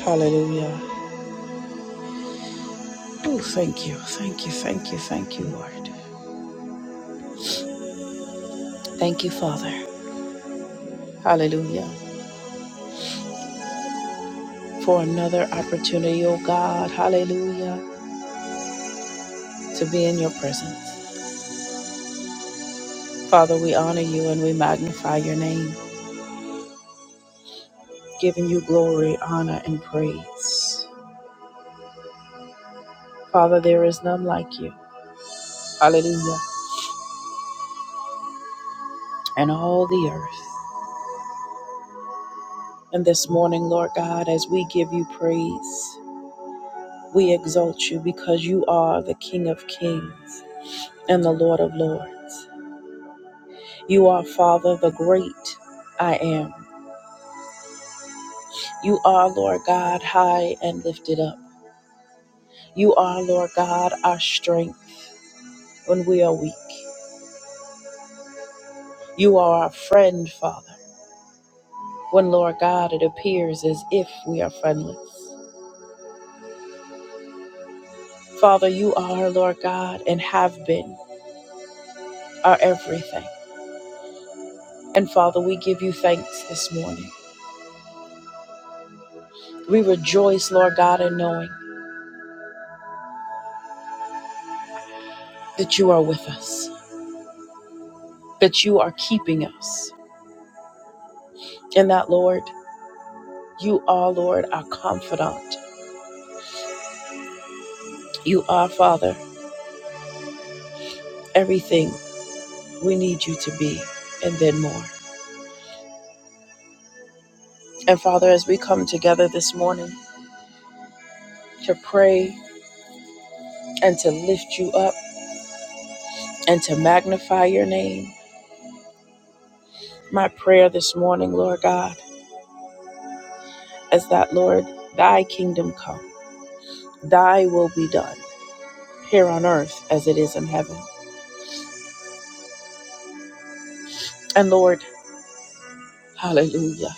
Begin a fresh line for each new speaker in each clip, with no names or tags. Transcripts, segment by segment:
Hallelujah. Oh, thank you, thank you, thank you, thank you, Lord. Thank you, Father. Hallelujah. For another opportunity, oh God, hallelujah, to be in your presence. Father, we honor you and we magnify your name, giving you glory, honor, and praise. Father, there is none like you. Hallelujah. And all the earth. And this morning, Lord God, as we give you praise, we exalt you because you are the King of kings and the Lord of lords. You are, Father, the great I am. You are, Lord God, high and lifted up. You are, Lord God, our strength when we are weak. You are our friend, Father, when, Lord God, it appears as if we are friendless. Father, you are, Lord God, and have been our everything. And Father, we give you thanks this morning. We rejoice, Lord God, in knowing that you are with us, that you are keeping us, and that, Lord, You are, Lord, our confidant. You are, Father, everything we need you to be, and then more. And Father, as we come together this morning to pray and to lift you up and to magnify your name, my prayer this morning, Lord God, is that, Lord, thy kingdom come, thy will be done here on earth as it is in heaven. And Lord, hallelujah.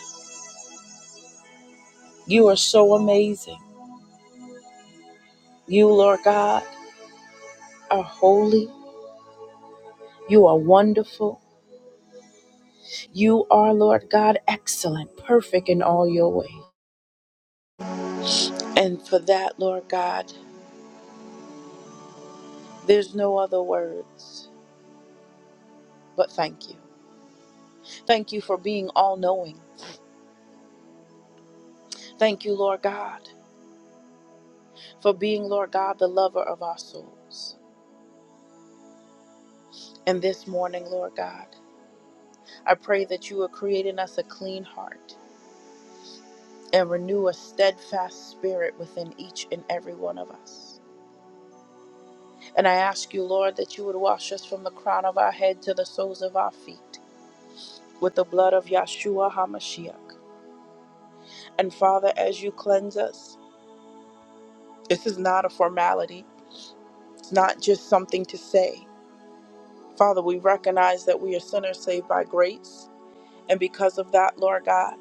You are so amazing. You, Lord God, are holy. You are wonderful. You are, Lord God, excellent, perfect in all your ways. And for that, Lord God, there's no other words but thank you. Thank you for being all knowing. Thank you, Lord God, for being, Lord God, the lover of our souls. And this morning, Lord God, I pray that you are creating us a clean heart and renew a steadfast spirit within each and every one of us. And I ask you, Lord, that you would wash us from the crown of our head to the soles of our feet. with the blood of Yahshua HaMashiach. And Father, as you cleanse us, this is not a formality, it's not just something to say. Father, we recognize that we are sinners saved by grace. And because of that, Lord God,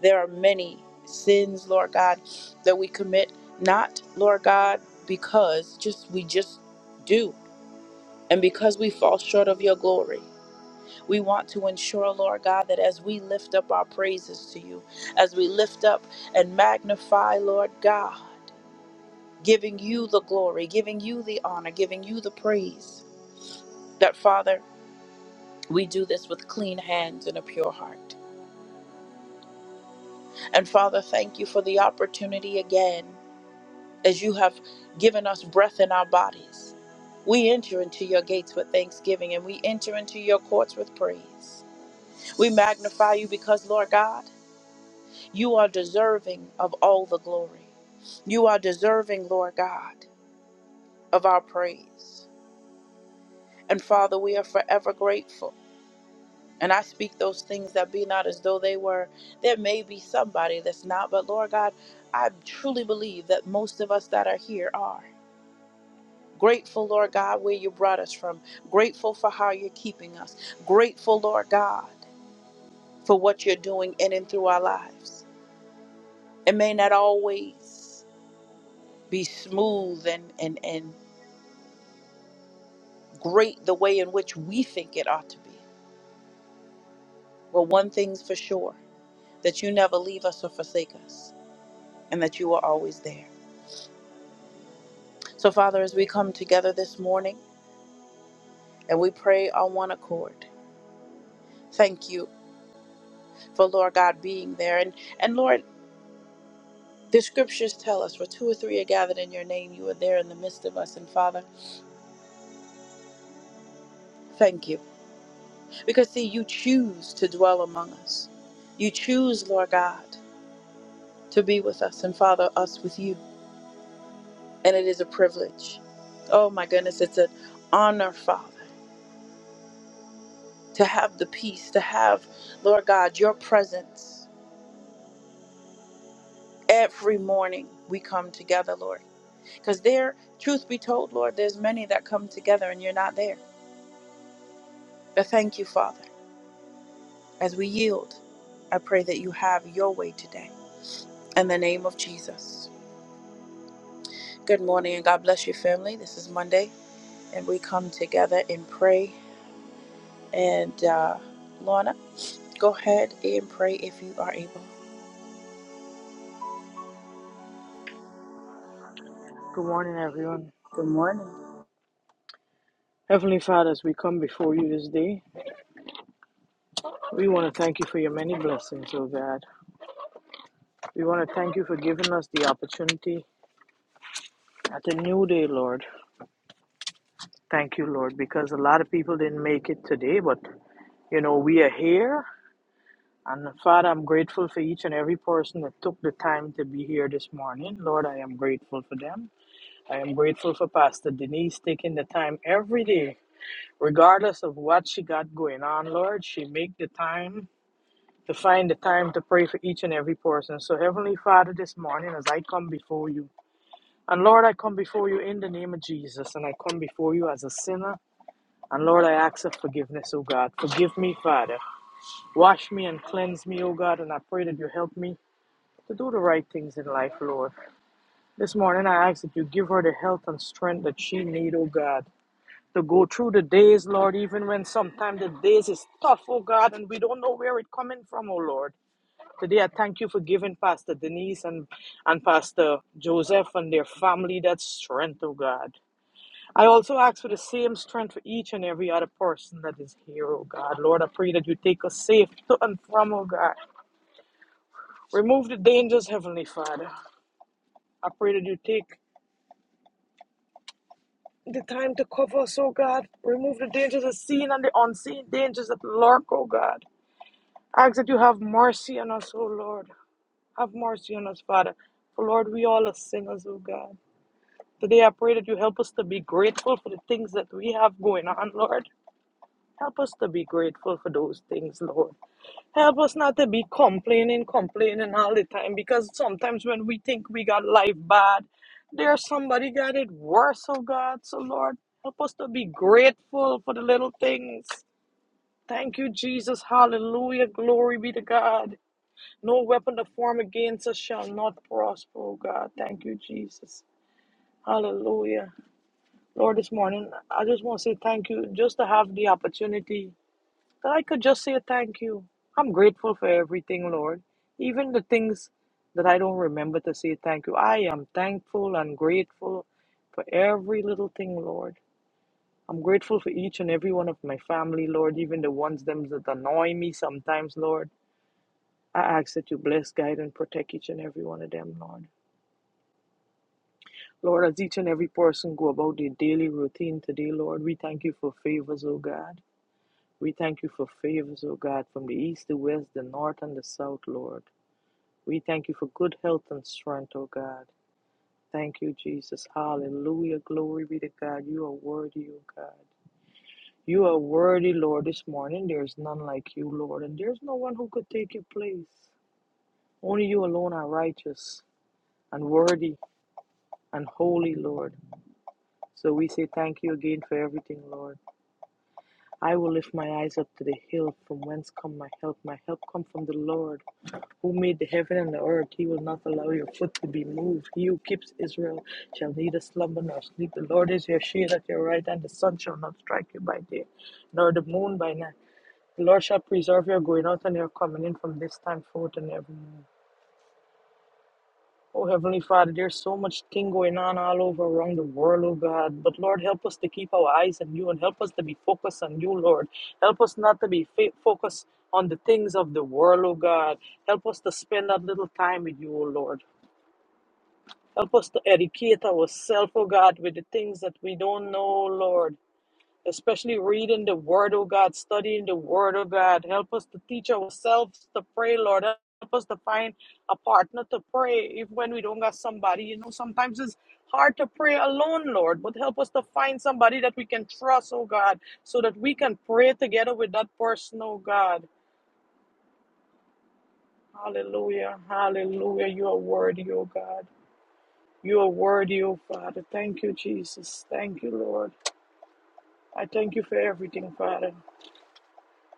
there are many sins, Lord God, that we commit, not, Lord God, because just we just do. And because we fall short of your glory. We want to ensure, Lord God, that as we lift up our praises to you, as we lift up and magnify, Lord God, giving you the glory, giving you the honor, giving you the praise, that Father, we do this with clean hands and a pure heart. And Father, thank you for the opportunity again, as you have given us breath in our bodies. We enter into your gates with thanksgiving and we enter into your courts with praise. We magnify you because, Lord God, You are deserving of all the glory. You are deserving, Lord God, of our praise. And Father, we are forever grateful. And I speak those things that be not as though they were. There may be somebody that's not, but Lord God, I truly believe that most of us that are here are. Grateful, Lord God, where you brought us from. Grateful for how you're keeping us. Grateful, Lord God, for what you're doing in and through our lives. It may not always be smooth and, and, and great the way in which we think it ought to be. Well, one thing's for sure that you never leave us or forsake us, and that you are always there. So, Father, as we come together this morning and we pray on one accord, thank you for Lord God being there. And, and Lord, the scriptures tell us, for two or three are gathered in your name, you are there in the midst of us. And Father, thank you. Because, see, you choose to dwell among us. You choose, Lord God, to be with us, and Father, us with you. and it is a privilege. Oh my goodness, it's an honor, Father, to have the peace, to have, Lord God, your presence every morning we come together, Lord. Because there, truth be told, Lord, there's many that come together and you're not there. But thank you, Father. As we yield, I pray that you have your way today. In the name of Jesus. Good morning and God bless you, family. This is Monday, and we come together and pray. And uh, Lorna, go ahead and pray if you are able.
Good morning, everyone.
Good morning.
Heavenly Father, as we come before you this day, we want to thank you for your many blessings, oh God. We want to thank you for giving us the opportunity at a new day, Lord. Thank you, Lord, because a lot of people didn't make it today, but you know, we are here. And Father, I'm grateful for each and every person that took the time to be here this morning. Lord, I am grateful for them. I am grateful for Pastor Denise taking the time every day regardless of what she got going on, Lord, she make the time to find the time to pray for each and every person. So, Heavenly Father, this morning as I come before you, and Lord, I come before you in the name of Jesus, and I come before you as a sinner. And Lord, I ask for forgiveness, O God. Forgive me, Father. Wash me and cleanse me, O God, and I pray that you help me to do the right things in life, Lord. This morning I ask that you give her the health and strength that she needs, oh God, to go through the days, Lord, even when sometimes the days is tough, oh God, and we don't know where it coming from, oh Lord. Today, I thank you for giving Pastor Denise and, and Pastor Joseph and their family that strength, oh God. I also ask for the same strength for each and every other person that is here, oh God. Lord, I pray that you take us safe to and from, oh God. Remove the dangers, Heavenly Father. I pray that you take the time to cover us, oh God. Remove the dangers of seen and the unseen dangers that lurk, oh God. I ask that you have mercy on us, oh Lord. Have mercy on us, Father. For Lord, we all are sinners, oh God. Today, I pray that you help us to be grateful for the things that we have going on, Lord. Help us to be grateful for those things, Lord. Help us not to be complaining, complaining all the time, because sometimes when we think we got life bad, there's somebody got it worse, oh God. So, Lord, help us to be grateful for the little things. Thank you, Jesus. Hallelujah. Glory be to God. No weapon to form against us shall not prosper, oh God. Thank you, Jesus. Hallelujah. Lord, this morning, I just want to say thank you just to have the opportunity that I could just say thank you. I'm grateful for everything, Lord. Even the things that I don't remember to say thank you. I am thankful and grateful for every little thing, Lord. I'm grateful for each and every one of my family, Lord, even the ones them that annoy me sometimes, Lord. I ask that you bless, guide, and protect each and every one of them, Lord. Lord, as each and every person go about their daily routine today, Lord, we thank you for favors, oh God. We thank you for favors, O God, from the east, the west, the north, and the south, Lord. We thank you for good health and strength, O God. Thank you, Jesus. Hallelujah. Glory be to God. You are worthy, O God. You are worthy, Lord, this morning. There is none like you, Lord, and there's no one who could take your place. Only you alone are righteous and worthy and holy, Lord. So we say thank you again for everything, Lord. I will lift my eyes up to the hill from whence come my help. My help come from the Lord who made the heaven and the earth, he will not allow your foot to be moved. He who keeps Israel shall neither slumber nor sleep. The Lord is your shade at your right hand, the sun shall not strike you by day, nor the moon by night. The Lord shall preserve your going out and your coming in from this time forth and evermore. Oh Heavenly Father, there's so much thing going on all over around the world, oh God. But Lord, help us to keep our eyes on you and help us to be focused on you, Lord. Help us not to be fa- focused on the things of the world, oh God. Help us to spend that little time with you, oh Lord. Help us to educate ourselves, oh God, with the things that we don't know, Lord. Especially reading the Word, oh God, studying the Word, oh God. Help us to teach ourselves to pray, Lord. Help us to find a partner to pray, even when we don't got somebody. You know, sometimes it's hard to pray alone, Lord, but help us to find somebody that we can trust, oh God, so that we can pray together with that person, oh God. Hallelujah, hallelujah. You are worthy, oh God. You are worthy, O Father. Thank you, Jesus. Thank you, Lord. I thank you for everything, Father.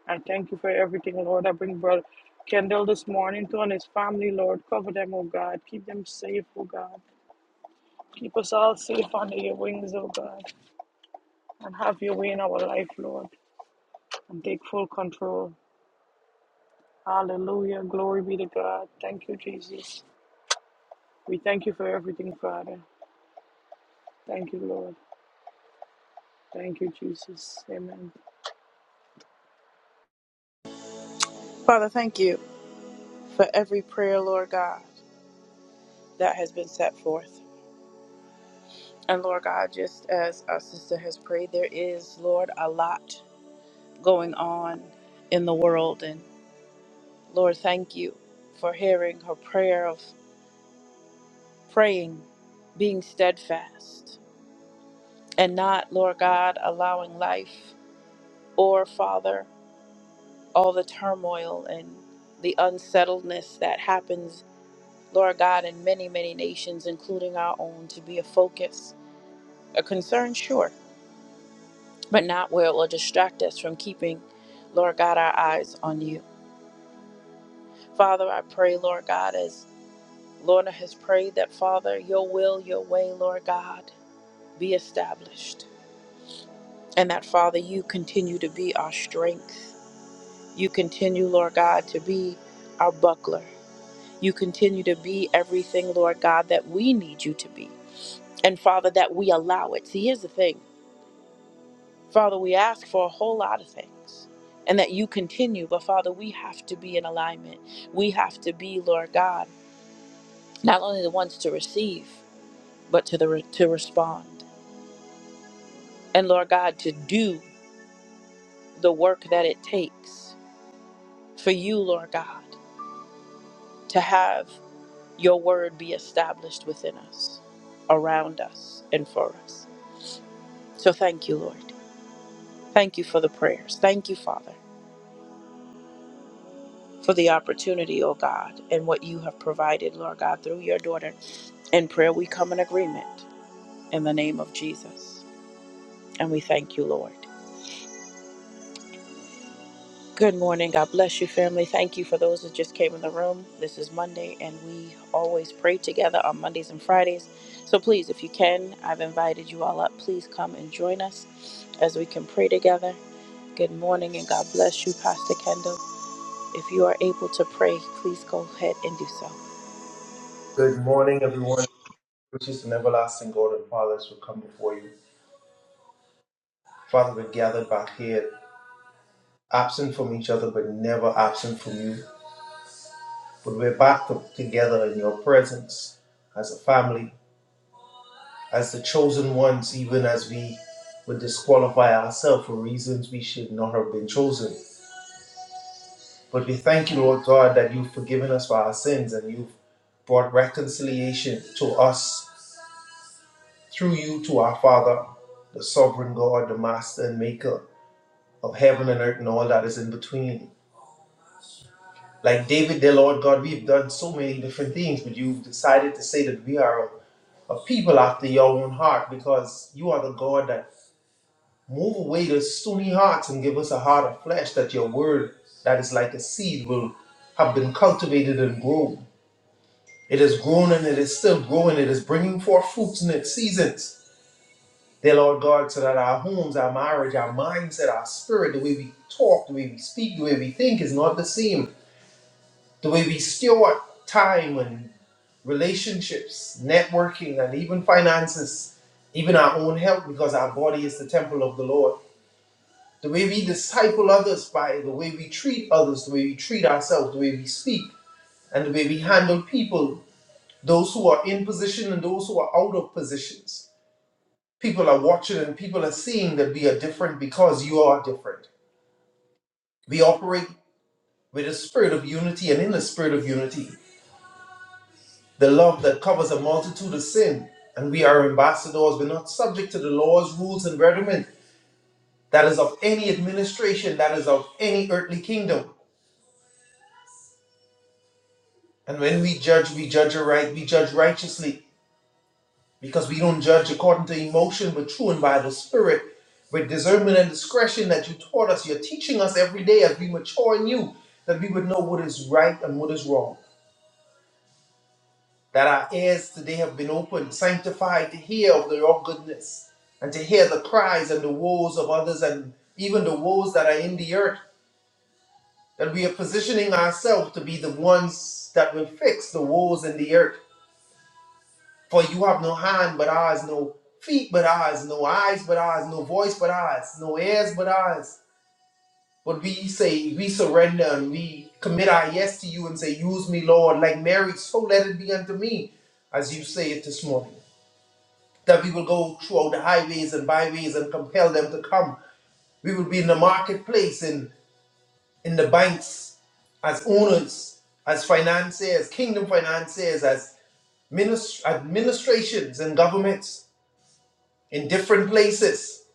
I thank you for everything, Lord. I bring Brother Kendall this morning to and his family, Lord. Cover them, O God. Keep them safe, O God. Keep us all safe under your wings, O God. And have your way in our life, Lord. And take full control. Hallelujah. Glory be to God. Thank you, Jesus. We thank you for everything, Father. Thank you, Lord. Thank you, Jesus. Amen.
Father, thank you for every prayer, Lord God, that has been set forth. And Lord God, just as our sister has prayed, there is, Lord, a lot going on in the world. And Lord, thank you for hearing her prayer of praying, being steadfast, and not, Lord God, allowing life or, Father, all the turmoil and the unsettledness that happens Lord God, in many, many nations, including our own, to be a focus, a concern, sure, but not where it will distract us from keeping, Lord God, our eyes on you. Father, I pray, Lord God, as Lorna has prayed, that Father, your will, your way, Lord God, be established. And that, Father, you continue to be our strength. You continue, Lord God, to be our buckler. You continue to be everything, Lord God, that we need you to be. And Father, that we allow it. See, here's the thing. Father, we ask for a whole lot of things and that you continue. But Father, we have to be in alignment. We have to be, Lord God, not only the ones to receive, but to the re- to respond. And Lord God, to do the work that it takes for you, Lord God, to have your word be established within us, around us, and for us. So thank you, Lord. Thank you for the prayers. Thank you, Father. for the opportunity, oh God, and what you have provided, Lord God, through your daughter. In prayer, we come in agreement in the name of Jesus. And we thank you, Lord. Good morning. God bless you, family. Thank you for those that just came in the room. This is Monday, and we always pray together on Mondays and Fridays. So please, if you can, I've invited you all up. Please come and join us as we can pray together. Good morning, and God bless you, Pastor Kendall. If you are able to pray, please go ahead and do so.
Good morning, everyone. Gracious and everlasting God and fathers will come before you. Father, we're gathered back here, absent from each other, but never absent from you. But we're back to- together in your presence as a family, as the chosen ones, even as we would disqualify ourselves for reasons we should not have been chosen. But we thank you, Lord God, that you've forgiven us for our sins and you've brought reconciliation to us through you to our Father, the sovereign God, the Master and Maker. of heaven and earth and all that is in between. Like David, dear Lord God, we've done so many different things, but you've decided to say that we are a a people after your own heart because you are the God that move away the stony hearts and give us a heart of flesh that your word that is like a seed will have been cultivated and grown. It is grown and it is still growing. It is bringing forth fruits in its seasons. Dear Lord God, so that our homes, our marriage, our mindset, our spirit, the way we talk, the way we speak, the way we think is not the same The way we steward time and relationships, networking, and even finances, even our own health, because our body is the temple of the Lord. The way we disciple others by the way we treat others, the way we treat ourselves, the way we speak, and the way we handle people, those who are in position and those who are out of positions. People are watching and people are seeing that we are different because you are different. We operate with a spirit of unity and in the spirit of unity. the love that covers a multitude of sin, and we are ambassadors. We're not subject to the laws, rules, and regiment that is of any administration, that is of any earthly kingdom. And when we judge, we judge aright, we judge righteously, because we don't judge according to emotion, but true and by the Spirit, with discernment and discretion that you taught us. You're teaching us every day as we mature in you, that we would know what is right and what is wrong. that our ears today have been opened, sanctified to hear of your goodness and to hear the cries and the woes of others and even the woes that are in the earth. That we are positioning ourselves to be the ones that will fix the woes in the earth. For you have no hand but ours, no feet but ours, no eyes but ours, no voice but ours, no ears but ours. But we say, we surrender and we commit our yes to you and say, Use me, Lord, like Mary, so let it be unto me, as you say it this morning. that we will go throughout the highways and byways and compel them to come. We will be in the marketplace, in, in the banks, as owners, as financiers, kingdom financiers, as minis- administrations and governments, in different places,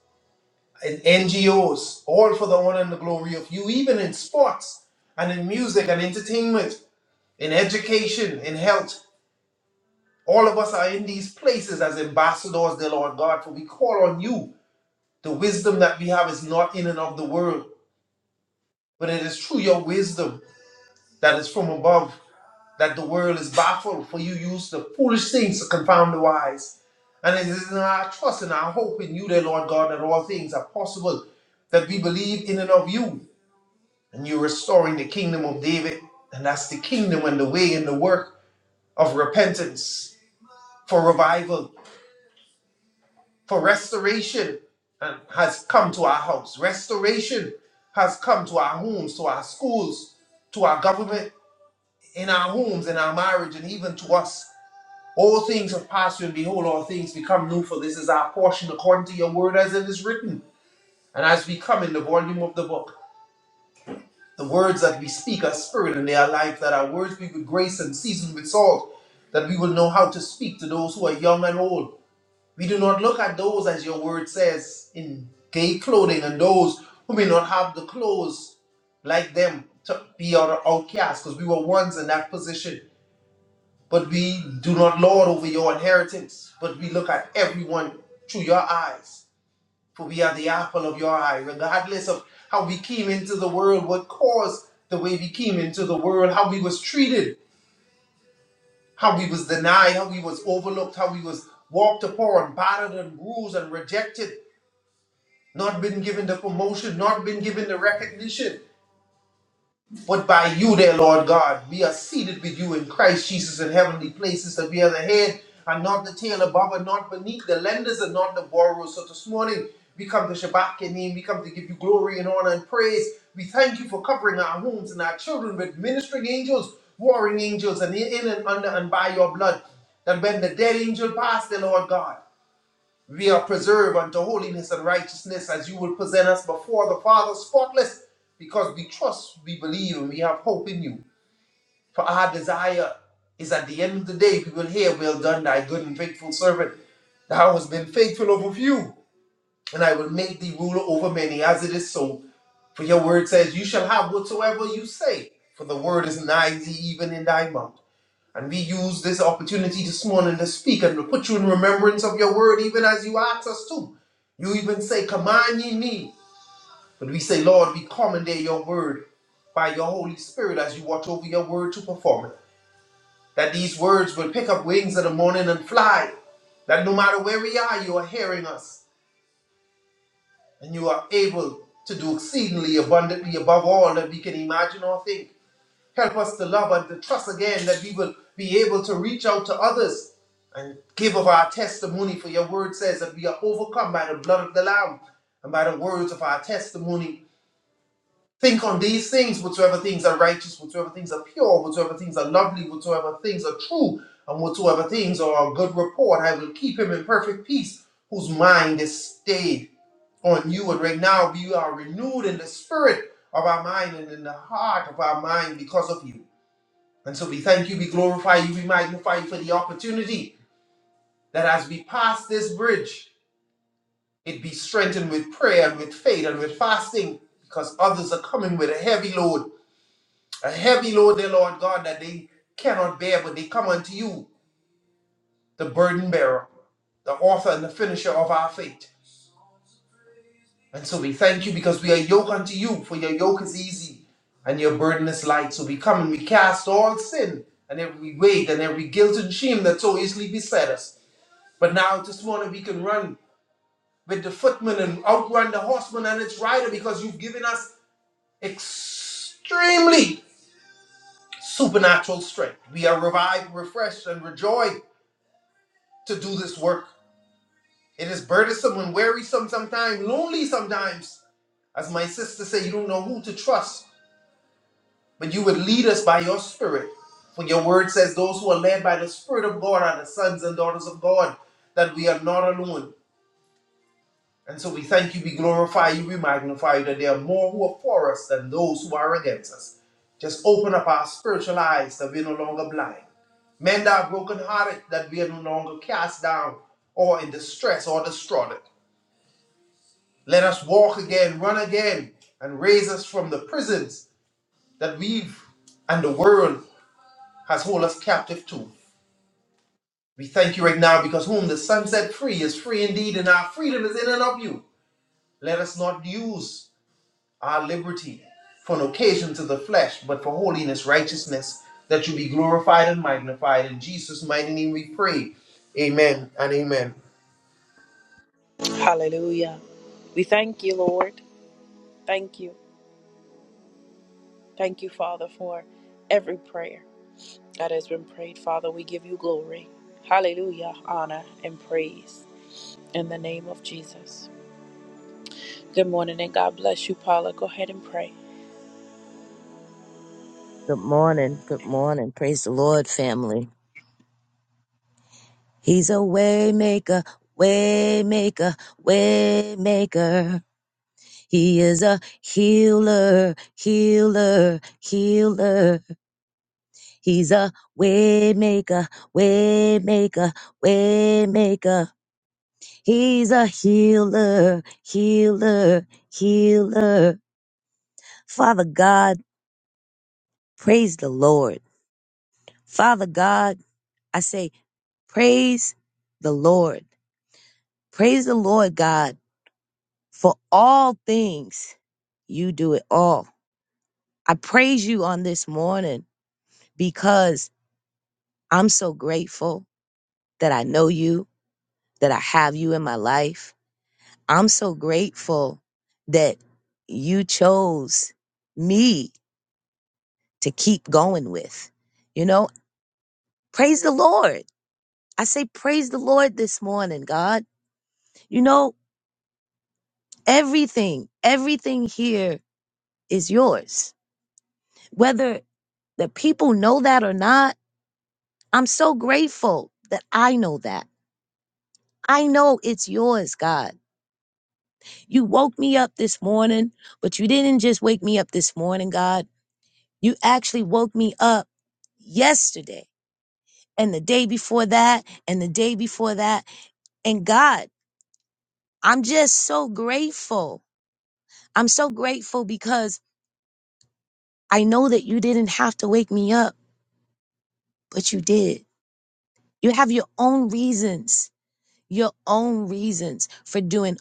in NGOs, all for the honor and the glory of you, even in sports and in music and entertainment, in education, in health. All of us are in these places as ambassadors, dear Lord God, for we call on you The wisdom that we have is not in and of the world, but it is through your wisdom that is from above that the world is baffled, for you use the foolish things to confound the wise. And it is in our trust and our hope in you, dear Lord God, that all things are possible, that we believe in and of you, and you're restoring the kingdom of David. And that's the kingdom and the way and the work of repentance for revival For restoration um, has come to our house. Restoration has come to our homes, to our schools, to our government, in our homes, in our marriage, and even to us. All things have passed you, and behold, all things become new. For this is our portion according to your word as it is written. And as we come in the volume of the book, the words that we speak are spirit and they are life, that our words be with grace and seasoned with salt, that we will know how to speak to those who are young and old We do not look at those, as your word says, in gay clothing, and those who may not have the clothes like them to be our outcasts, because we were once in that position. But we do not lord over your inheritance, but we look at everyone through your eyes, for we are the apple of your eye, regardless of how we came into the world, what caused the way we came into the world, how we was treated, how we was denied, how we was overlooked, how we was walked upon, battered and bruised and rejected not been given the promotion, not been given the recognition. But by you, dear Lord God, we are seated with you in Christ Jesus in heavenly places, that we are the head and not the tail, above and not beneath, the lenders and not the borrowers. So this morning, we come to Shabbat your name, we come to give you glory and honor and praise. We thank you for covering our homes and our children with ministering angels, warring angels, and in and under and by your blood. That when the dead angel passed, dear Lord God, we are preserved unto holiness and righteousness as you will present us before the Father spotless, because we trust, we believe, and we have hope in you. For our desire is at the end of the day, we will hear, Well done, thy good and faithful servant. Thou hast been faithful over few, and I will make thee ruler over many, as it is so. For your word says, You shall have whatsoever you say, for the word is nigh thee, even in thy mouth. And we use this opportunity this morning to speak and to put you in remembrance of your word, even as you ask us to. You even say, Command ye me. But we say, Lord, we commandeer your word by your Holy Spirit as you watch over your word to perform it. That these words will pick up wings in the morning and fly. That no matter where we are, you are hearing us. And you are able to do exceedingly abundantly above all that we can imagine or think. Help us to love and to trust again that we will be able to reach out to others and give of our testimony. For your word says that we are overcome by the blood of the Lamb and by the words of our testimony. Think on these things, whatsoever things are righteous, whatsoever things are pure, whatsoever things are lovely, whatsoever things are true, and whatsoever things are of good report. I will keep him in perfect peace, whose mind is stayed on you. And right now, we are renewed in the spirit of our mind and in the heart of our mind because of you. And so we thank you, we glorify you, we magnify you for the opportunity that as we pass this bridge, it be strengthened with prayer and with faith and with fasting, because others are coming with a heavy load, a heavy load, dear Lord God, that they cannot bear, but they come unto you, the burden bearer, the author and the finisher of our faith. And so we thank you because we are yoke unto you, for your yoke is easy and your burden is light. So we come and we cast all sin and every weight and every guilt and shame that so easily beset us. But now this morning we can run with the footman and outrun the horseman and its rider because you've given us extremely supernatural strength. We are revived, refreshed, and rejoiced to do this work. It is burdensome and wearisome sometimes, lonely sometimes. As my sister said, you don't know who to trust, but you would lead us by your spirit. For your word says those who are led by the Spirit of God are the sons and daughters of God, that we are not alone. And so we thank you, we glorify you, we magnify you that there are more who are for us than those who are against us. Just open up our spiritual eyes that we're no longer blind. Mend our broken hearted that we are no longer cast down or in distress or distraught. Let us walk again, run again, and raise us from the prisons that we've and the world has hold us captive to. We thank you right now because whom the sun set free is free indeed, and our freedom is in and of you. Let us not use our liberty for an occasion to the flesh, but for holiness, righteousness, that you be glorified and magnified. In Jesus' mighty name we pray. Amen and amen.
Hallelujah. We thank you, Lord. Thank you. Thank you, Father, for every prayer that has been prayed. Father, we give you glory. Hallelujah. Honor and praise in the name of Jesus. Good morning and God bless you, Paula. Go ahead and pray.
Good morning. Good morning. Praise the Lord, family. He's a way maker, way maker, way maker. He is a healer, healer, healer. He's a way maker, way maker, way maker. He's a healer, healer, healer. Father God, praise the Lord. Father God, I say, praise the Lord. Praise the Lord God for all things. You do it all. I praise you on this morning because I'm so grateful that I know you, that I have you in my life. I'm so grateful that you chose me to keep going with. You know, praise the Lord. I say, praise the Lord this morning, God. You know, everything, everything here is yours Whether the people know that or not, I'm so grateful that I know that. I know it's yours, God. You woke me up this morning, but you didn't just wake me up this morning, God. You actually woke me up yesterday and the day before that and the day before that. And God, I'm just so grateful. I'm so grateful because I know that you didn't have to wake me up, but you did. You have your own reasons your own reasons for doing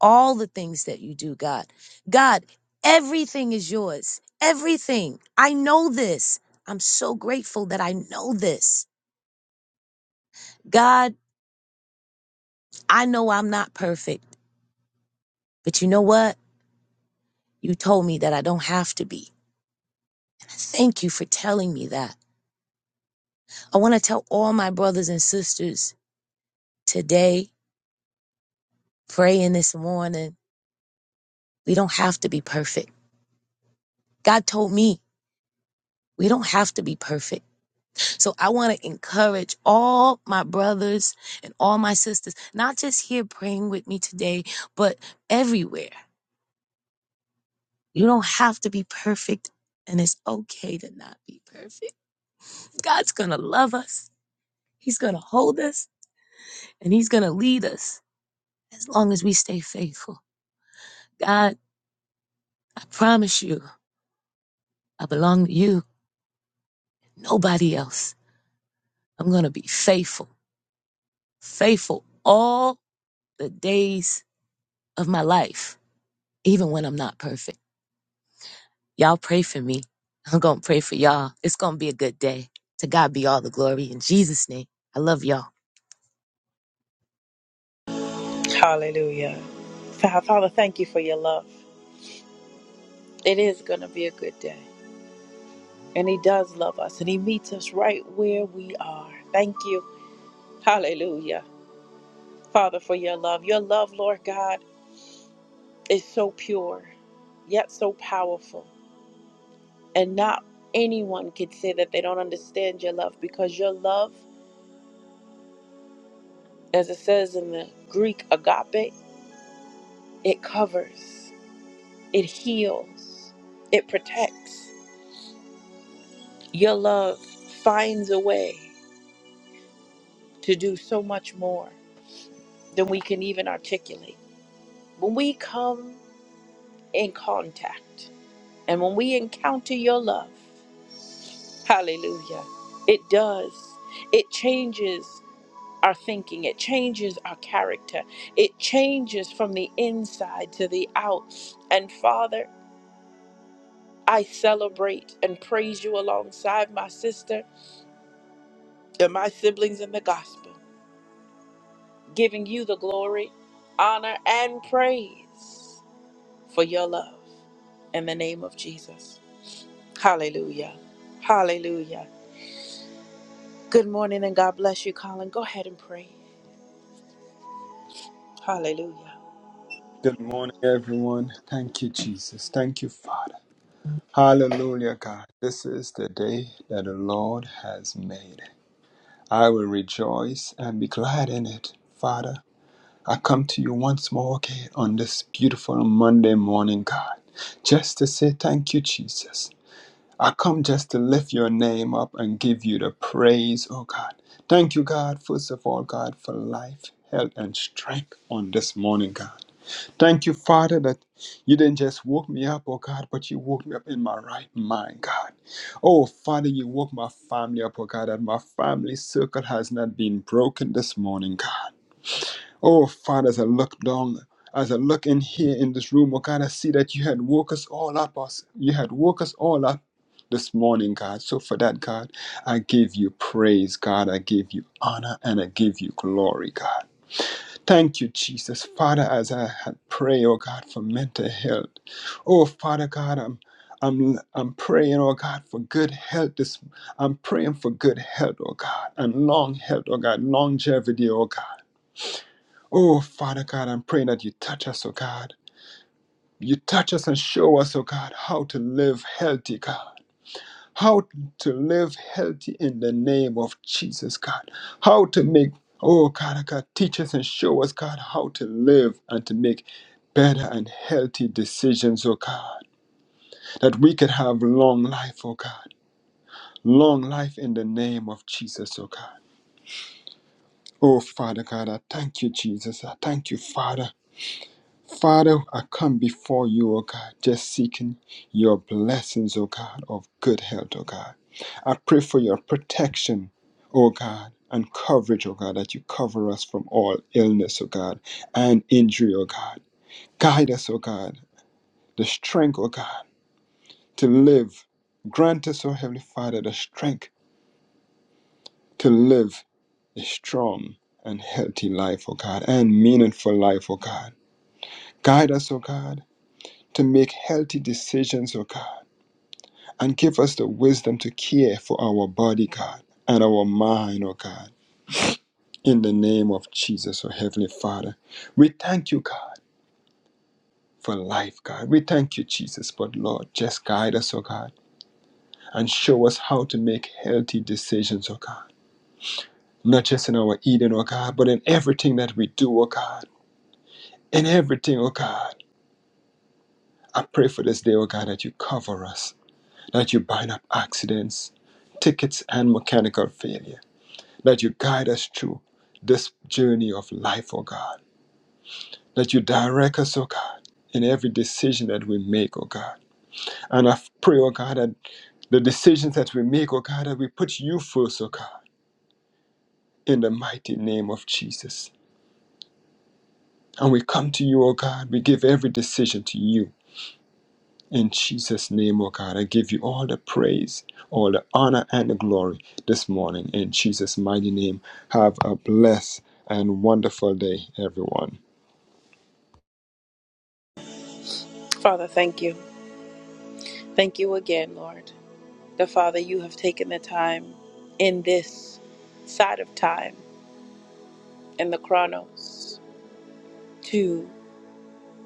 all the things that you do, God. God, everything is yours. Everything. I know this. I'm so grateful that I know this. God, I know I'm not perfect, but you know what? You told me that I don't have to be. Thank you for telling me that. I want to tell all my brothers and sisters today, praying this morning, we don't have to be perfect. God told me we don't have to be perfect. So I want to encourage all my brothers and all my sisters, not just here praying with me today, but everywhere. You don't have to be perfect, and it's okay to not be perfect. God's going to love us, He's going to hold us, and He's going to lead us as long as we stay faithful. God, I promise you, I belong to you, nobody else. I'm going to be faithful, faithful all the days of my life, even when I'm not perfect. Y'all pray for me. I'm going to pray for y'all. It's going to be a good day. To God be all the glory in Jesus' name. I love y'all.
Hallelujah. Fa- Father, thank you for your love. It is going to be a good day. And He does love us, and He meets us right where we are. Thank you. Hallelujah. Father, for your love. Your love, Lord God, is so pure, yet so powerful. And not anyone could say that they don't understand your love because your love, as it says in the Greek agape, it covers, it heals, it protects. Your love finds a way to do so much more than we can even articulate. When we come in contact and when we encounter your love, hallelujah, it does. It changes our thinking, it changes our character, it changes from the inside to the out. And Father, I celebrate and praise you alongside my sister and my siblings in the gospel. giving you the glory, honor, and praise for your love in the name of Jesus. Hallelujah. Hallelujah. Good morning and God bless you, Colin. Go ahead and pray. Hallelujah.
Good morning, everyone. Thank you, Jesus. Thank you, Father. Hallelujah, God. This is the day that the Lord has made. I will rejoice and be glad in it, Father. I come to you once more again on this beautiful Monday morning, God, just to say thank you, Jesus. I come just to lift your name up and give you the praise, oh God. Thank you, God, first of all, God, for life, health, and strength on this morning, God. Thank you, Father, that you didn't just woke me up, oh God, but you woke me up in my right mind, God. Oh, Father, you woke my family up, oh God, that my family circle has not been broken this morning, God. Oh, Father, as I look down, as I look in here in this room, oh God, I see that you had woke us all up, us. You had woke us all up this morning, God. So for that, God, I give you praise, God. I give you honor and I give you glory, God. Thank you, Jesus. Father, as I had pray, oh God, for mental health. Oh, Father God, I'm I'm I'm praying, oh God, for good health. This I'm praying for good health, oh God, and long health, oh God, longevity, oh God. Oh, Father God, I'm praying that you touch us, oh God. You touch us and show us, oh God, how to live healthy, God how to live healthy in the name of Jesus, God. How to make, oh God, oh, God, teach us and show us, God, how to live and to make better and healthy decisions, oh God, that we could have long life, oh God. Long life in the name of Jesus, oh God. Oh, Father God, I thank you, Jesus. I thank you, Father. Father, I come before you, O God, just seeking your blessings, O God, of good health, O God. I pray for your protection, O God, and coverage, O God, that you cover us from all illness, O God, and injury, O God. Guide us, O God, the strength, O God, to live. Grant us, O Heavenly Father, the strength to live a strong and healthy life, O God, and meaningful life, O God. Guide us, O God, to make healthy decisions, O God and give us the wisdom to care for our body, God, and our mind, oh God, in the name of Jesus, oh Heavenly Father. We thank you, God, for life, God. We thank you, Jesus, but Lord, just guide us, oh God, and show us how to make healthy decisions, oh God. Not just in our eating, oh God, but in everything that we do, oh God. In everything, oh God. I pray for this day, oh God, that you cover us, that you bind up accidents, tickets, and mechanical failure. That you guide us through this journey of life, oh God. That you direct us, oh God. In every decision that we make, oh God. And I pray, oh God, that the decisions that we make, oh God, that we put you first, oh God, in the mighty name of Jesus. And we come to you, oh God, we give every decision to you. In Jesus' name, oh God, I give you all the praise, all the honor, and the glory this morning. In Jesus' mighty name, have a blessed and wonderful day, everyone.
Father, thank you. Thank you again, Lord. The Father, you have taken the time in this side of time, in the chronos, to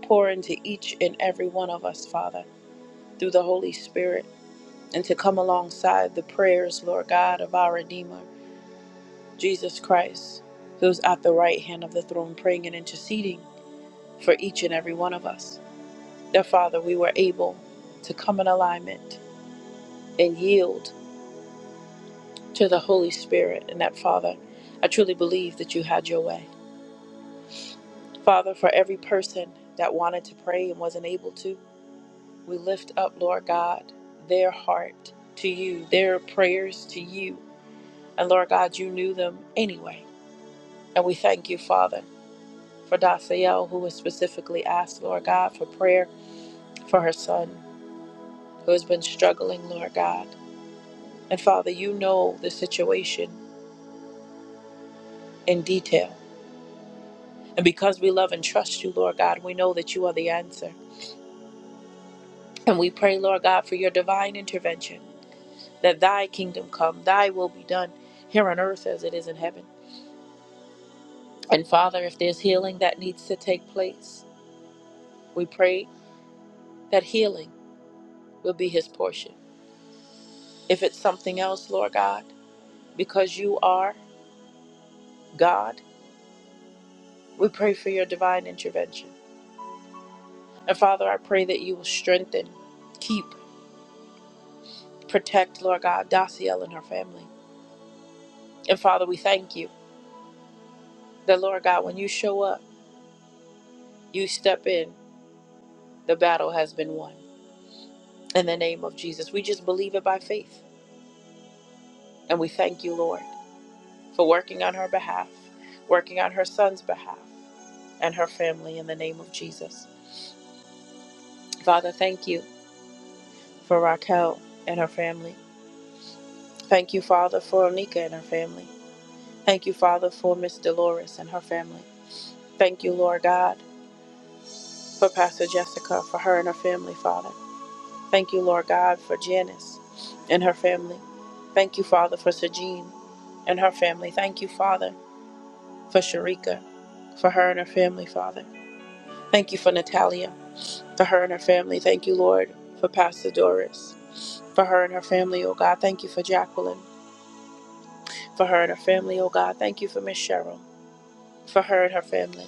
pour into each and every one of us, Father, through the Holy Spirit. and to come alongside the prayers, Lord God, of our Redeemer, Jesus Christ, who's at the right hand of the throne, praying and interceding for each and every one of us. That, Father, we were able to come in alignment and yield to the Holy Spirit. And that, Father, I truly believe that you had your way. Father, for every person that wanted to pray and wasn't able to, we lift up, Lord God, their heart to you, their prayers to you. And Lord God, you knew them anyway. And we thank you, Father, for Dasael, who was specifically asked, Lord God, for prayer for her son, who has been struggling, Lord God. And Father, you know the situation in detail. And because we love and trust you, Lord God, we know that you are the answer. And we pray, Lord God, for your divine intervention, that thy kingdom come, thy will be done here on earth as it is in heaven. And Father, if there's healing that needs to take place, we pray that healing will be his portion. If it's something else, Lord God, because you are God. We pray for your divine intervention. And Father, I pray that you will strengthen, keep, protect, Lord God, Daciel and her family. And Father, we thank you that, Lord God, when you show up, you step in, the battle has been won. In the name of Jesus, we just believe it by faith. And we thank you, Lord, for working on her behalf, working on her son's behalf, and her family in the name of Jesus. Father, thank you for Raquel and her family. Thank you, Father, for Onika and her family. Thank you, Father, for Miss Dolores and her family. Thank you, Lord God, for Pastor Jessica, for her and her family, Father. Thank you, Lord God, for Janice and her family. Thank you, Father, for Sajin and her family. Thank you, Father, for Sharika, for her and her family, Father. Thank you for Natalia, for her and her family. Thank you, Lord, for Pastor Doris, for her and her family, oh God. Thank you for Jacqueline, for her and her family, oh God. Thank you for Miss Cheryl. for her and her family.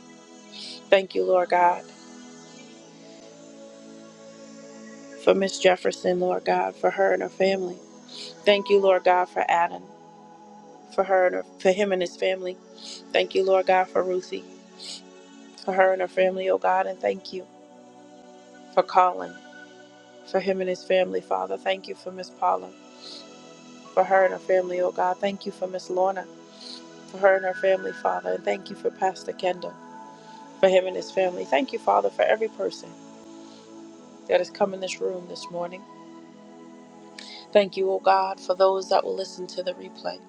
Thank you, Lord God, for Miss Jefferson, Lord God, for her and her family. Thank you, Lord God, for Adam, for her and her, for him and his family. Thank you, Lord God, for Ruthie, for her and her family, oh God, and thank you for Colin, for him and his family, Father. Thank you for Miss Paula, for her and her family, oh God. Thank you for Miss Lorna, for her and her family, Father, and thank you for Pastor Kendall, for him and his family. Thank you, Father, for every person that has come in this room this morning. Thank you, O God, for those that will listen to the replay.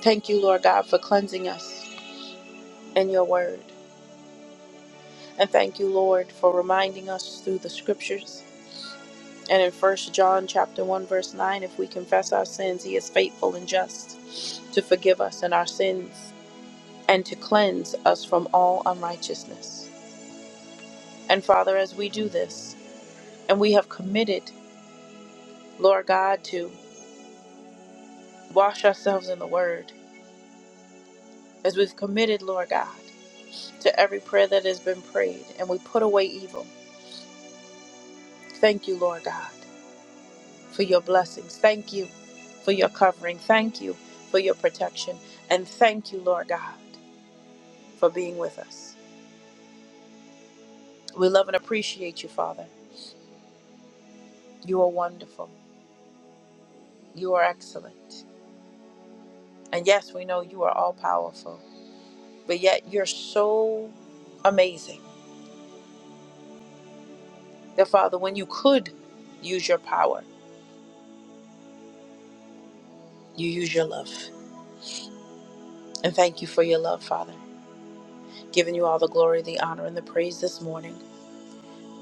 Thank you, Lord God, for cleansing us in your word. And thank you, Lord, for reminding us through the scriptures. And in First John chapter 1 verse 9, if we confess our sins, he is faithful and just to forgive us in our sins and to cleanse us from all unrighteousness. And Father, as we do this, and we have committed, Lord God, to wash ourselves in the word, as we've committed, Lord God. to every prayer that has been prayed, and we put away evil. Thank you, Lord God, for your blessings. Thank you for your covering. Thank you for your protection. And thank you, Lord God, for being with us. We love and appreciate you, Father. You are wonderful. You are excellent. And yes, we know you are all powerful, but yet you're so amazing that, Father, when you could use your power, you use your love. And thank you for your love, Father. giving you all the glory, the honor, and the praise this morning.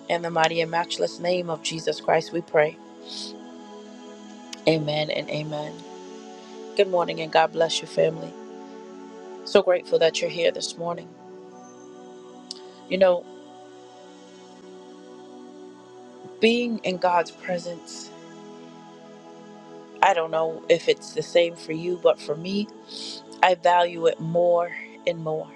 In the mighty and matchless name of Jesus Christ, we pray. Amen and amen. Good morning, and God bless your family. So grateful that you're here this morning. You know, being in God's presence, I don't know if it's the same for you, but for me, I value it more and more.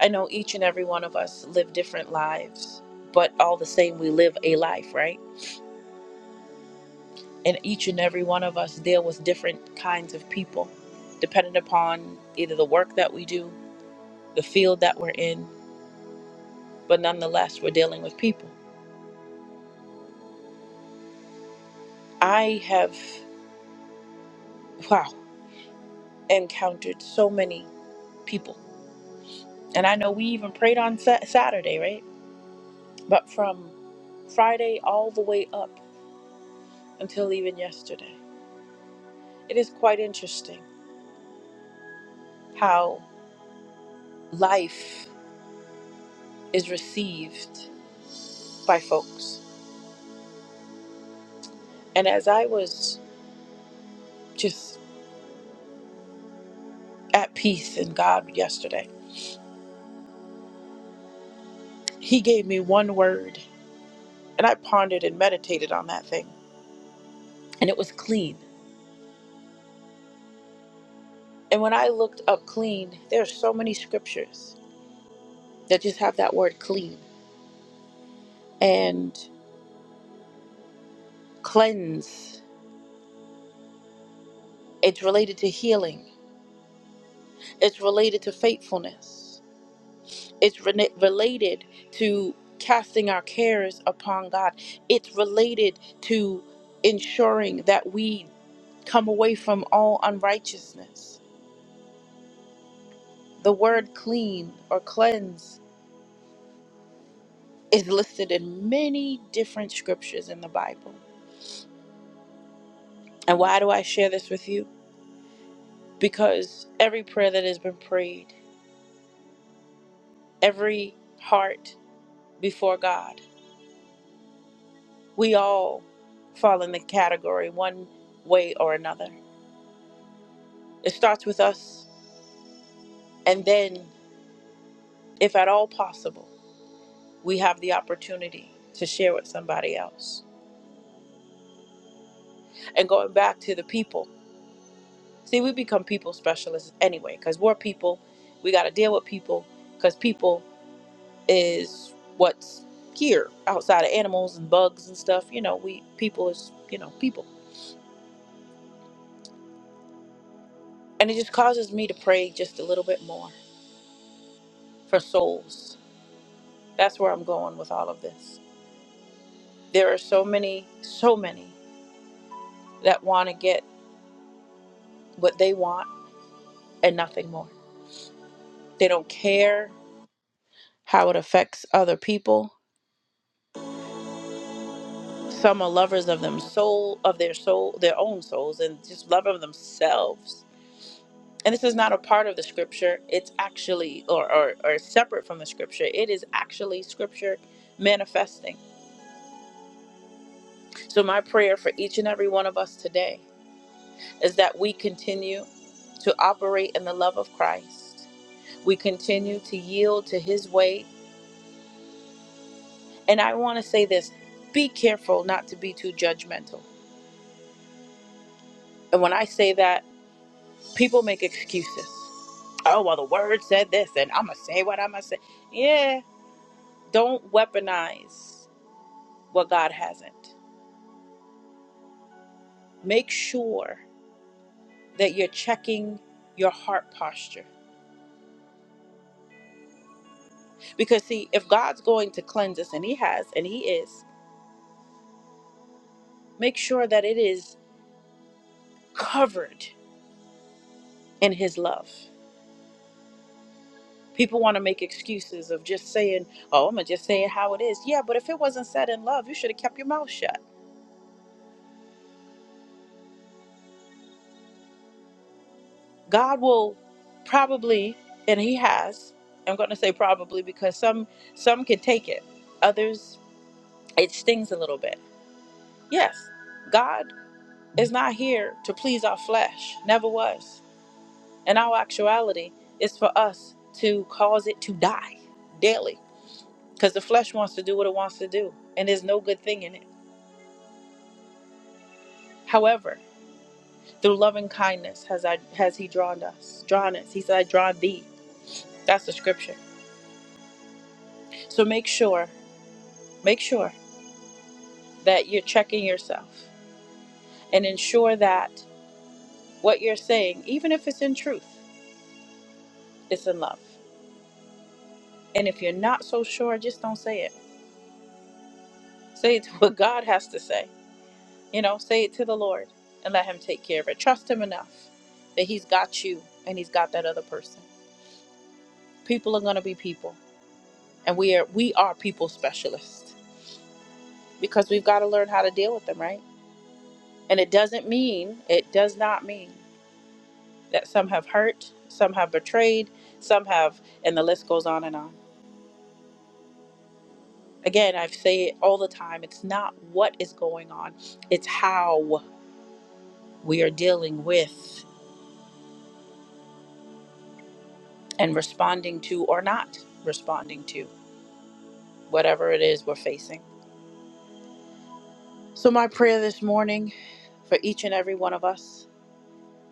I know each and every one of us live different lives, but all the same, we live a life, right? and each and every one of us deal with different kinds of people dependent upon either the work that we do the field that we're in but nonetheless we're dealing with people i have wow encountered so many people and i know we even prayed on Sa- saturday right but from friday all the way up until even yesterday it is quite interesting how life is received by folks and as i was just at peace in God yesterday. He gave me one word, and I pondered and meditated on that thing, and it was clean. And when I looked up clean, there's so many scriptures that just have that word clean and cleanse. It's related to healing, it's related to faithfulness, it's rena- related to casting our cares upon God, it's related to ensuring that we come away from all unrighteousness The word clean or cleanse is listed in many different scriptures in the Bible. And why do I share this with you? Because every prayer that has been prayed, every heart before God, we all fall in the category one way or another. It starts with us, and then, if at all possible, we have the opportunity to share with somebody else. And going back to the people, See, we become people specialists anyway, because we're people. We got to deal with people, because people is what's here outside of animals and bugs and stuff. You know, we people is you know people, and it just causes me to pray just a little bit more for souls. That's where I'm going with all of this. There are so many, so many that want to get what they want and nothing more. They don't care how it affects other people Some are lovers of them soul of their soul, their own souls, and just love of themselves. And this is not a part of the scripture. It's actually or or, or separate from the scripture. It is actually scripture manifesting. So my prayer for each and every one of us today is that we continue to operate in the love of Christ. We continue to yield to his way. And I want to say this, be careful not to be too judgmental. And when I say that, people make excuses. oh well the word said this and i'm gonna say what i'm gonna say yeah don't weaponize what god hasn't make sure that you're checking your heart posture because see if god's going to cleanse us and he has and he is make sure that it is covered in his love people want to make excuses of just saying oh i'm gonna just say it how it is yeah but if it wasn't said in love you should have kept your mouth shut God will probably, and He has. I'm going to say probably because some some can take it, others it stings a little bit. Yes, God is not here to please our flesh. Never was. and our actuality, is for us to cause it to die daily, because the flesh wants to do what it wants to do, and there's no good thing in it. However, through loving kindness has I has He drawn us, drawn us. He said, "I draw thee." That's the scripture. So make sure, make sure. that you're checking yourself and ensure that what you're saying, even if it's in truth, it's in love. And if you're not so sure, just don't say it. Say it to what God has to say. You know, say it to the Lord and let Him take care of it. Trust Him enough that He's got you and He's got that other person. People are going to be people, and we are we are people specialists because we've got to learn how to deal with them, right? And it doesn't mean it does not mean that some have hurt, some have betrayed, some have, and the list goes on and on. Again, I say it all the time it's not what is going on, it's how we are dealing with and responding to or not responding to whatever it is we're facing. So, my prayer this morning for each and every one of us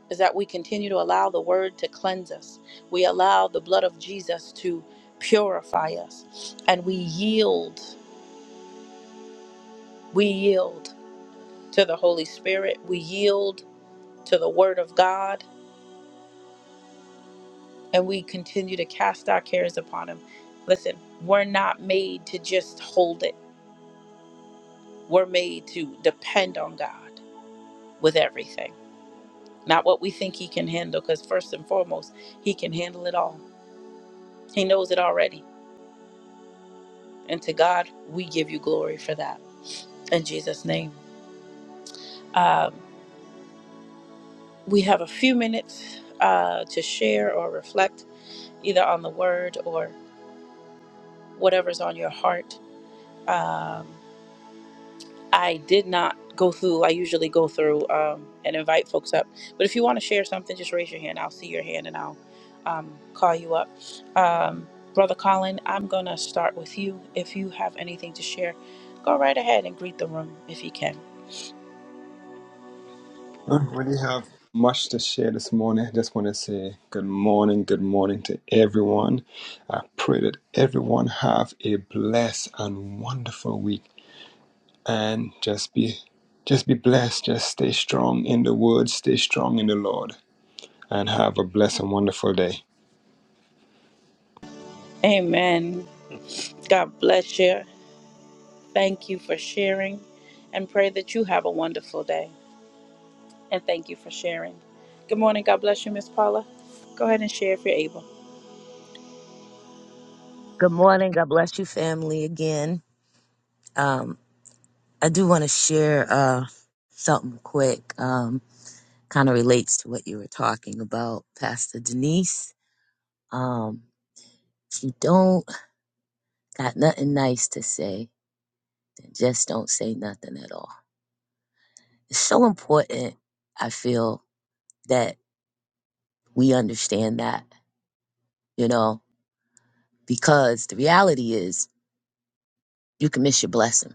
is that we continue to allow the word to cleanse us, we allow the blood of Jesus to purify us, and we yield. We yield to the Holy Spirit. We yield to the Word of God and we continue to cast our cares upon Him. Listen, we're not made to just hold it, we're made to depend on God with everything. Not what we think He can handle, because first and foremost, He can handle it all. He knows it already. And to God, we give you glory for that. In Jesus' name. Um, we have a few minutes uh, to share or reflect either on the word or whatever's on your heart um, I did not go through. I usually go through um, and invite folks up. But if you want to share something, just raise your hand. I'll see your hand and I'll um, call you up. Um, Brother Colin, I'm going to start with you. If you have anything to share, go right ahead and greet the room if you can.
I don't really have much to share this morning. I just want to say good morning, good morning to everyone. I pray that everyone have a blessed and wonderful week and just be just be blessed. Just stay strong in the word, stay strong in the Lord, and have a blessed and wonderful day.
Amen. God bless you. Thank you for sharing and pray that you have a wonderful day. And thank you for sharing. Good morning. God bless you, Miss Paula. Go ahead and share if you're able.
Good morning. God bless you, family, again. Um, I do want to share uh, something quick. Um, kind of relates to what you were talking about, Pastor Denise. Um, if you don't got nothing nice to say, then just don't say nothing at all. It's so important, I feel, that we understand that, you know, because the reality is you can miss your blessing.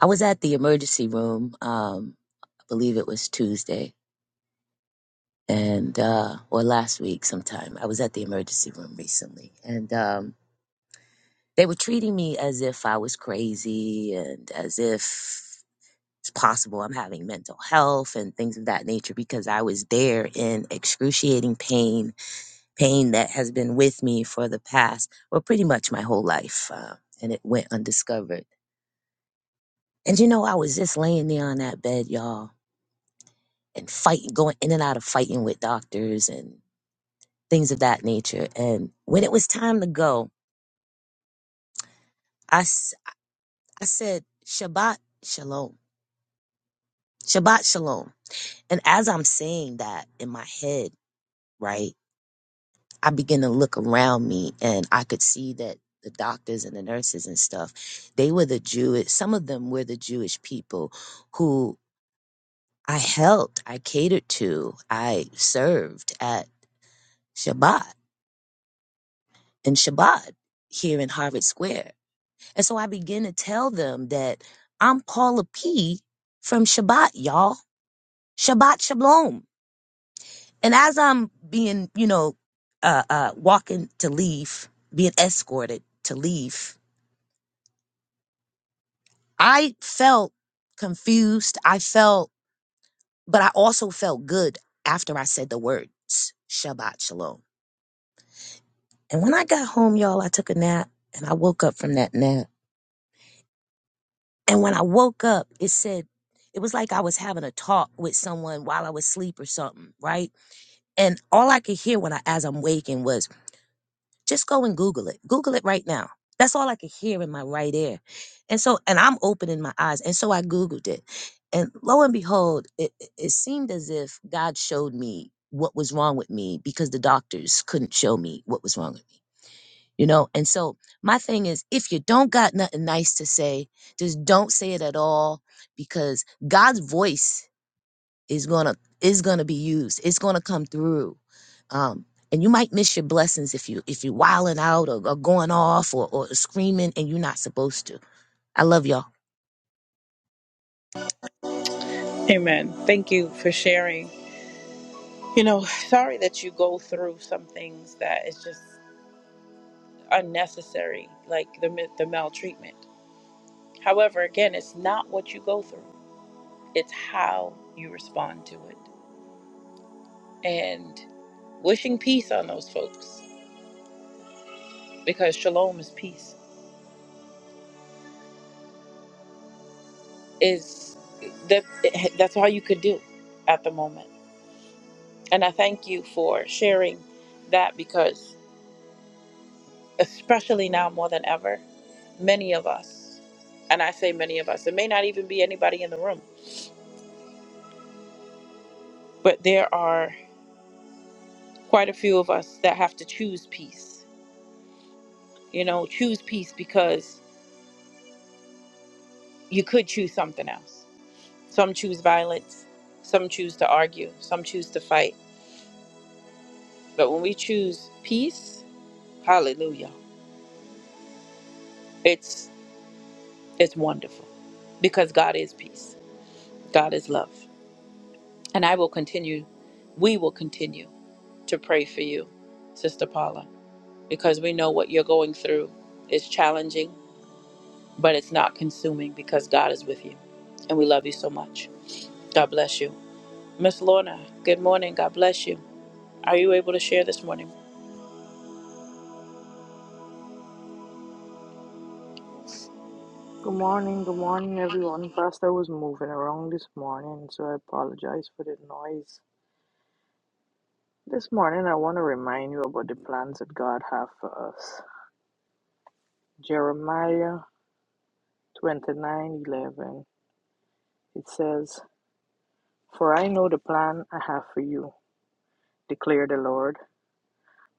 I was at the emergency room, um, I believe it was Tuesday and uh or last week sometime. I was at the emergency room recently and um They were treating me as if I was crazy and as if it's possible I'm having mental health and things of that nature because I was there in excruciating pain, pain that has been with me for the past, well, pretty much my whole life. Uh, and it went undiscovered. And you know, I was just laying there on that bed, y'all, and fighting, going in and out of fighting with doctors and things of that nature. And when it was time to go, I, s- I said, Shabbat Shalom. Shabbat Shalom. And as I'm saying that in my head, right, I begin to look around me and I could see that the doctors and the nurses and stuff, they were the Jewish, some of them were the Jewish people who I helped, I catered to, I served at Shabbat, in Shabbat here in Harvard Square. And so I begin to tell them that I'm Paula P from Shabbat, y'all. Shabbat Shalom. And as I'm being, you know, uh, uh, walking to leave, being escorted to leave, I felt confused. I felt, but I also felt good after I said the words Shabbat Shalom. And when I got home, y'all, I took a nap and I woke up from that nap. And when I woke up, it said, it was like I was having a talk with someone while I was asleep or something, right? And all I could hear when I, as I'm waking was, Just go and Google it. Google it right now. That's all I could hear in my right ear. And so, and I'm opening my eyes. And so I Googled it. And lo and behold, it, it it seemed as if God showed me what was wrong with me because the doctors couldn't show me what was wrong with me. You know, and so my thing is if you don't got nothing nice to say, just don't say it at all because God's voice is gonna is gonna be used. It's gonna come through. Um, and you might miss your blessings if you if you wilding out or, or going off or, or screaming and you're not supposed to. I love y'all.
Amen. Thank you for sharing. You know, sorry that you go through some things that is just unnecessary, like the mi- the maltreatment. However, again, it's not what you go through; it's how you respond to it. And wishing peace on those folks, because shalom is peace. Is that that's all you could do at the moment. And I thank you for sharing that because especially now more than ever, many of us, and I say many of us, it may not even be anybody in the room, but there are quite a few of us that have to choose peace. You know, choose peace because you could choose something else. Some choose violence, some choose to argue, some choose to fight. But when we choose peace, hallelujah. It's it's wonderful because God is peace. God is love. And I will continue, we will continue to pray for you, Sister Paula, because we know what you're going through is challenging, but it's not consuming because God is with you. And we love you so much. God bless you. Miss Lorna, good morning. God bless you. Are you able to share this morning?
Good morning, good morning, everyone. Pastor was moving around this morning, so I apologize for the noise. This morning, I want to remind you about the plans that God has for us. Jeremiah 29 11. It says, For I know the plan I have for you, declare the Lord.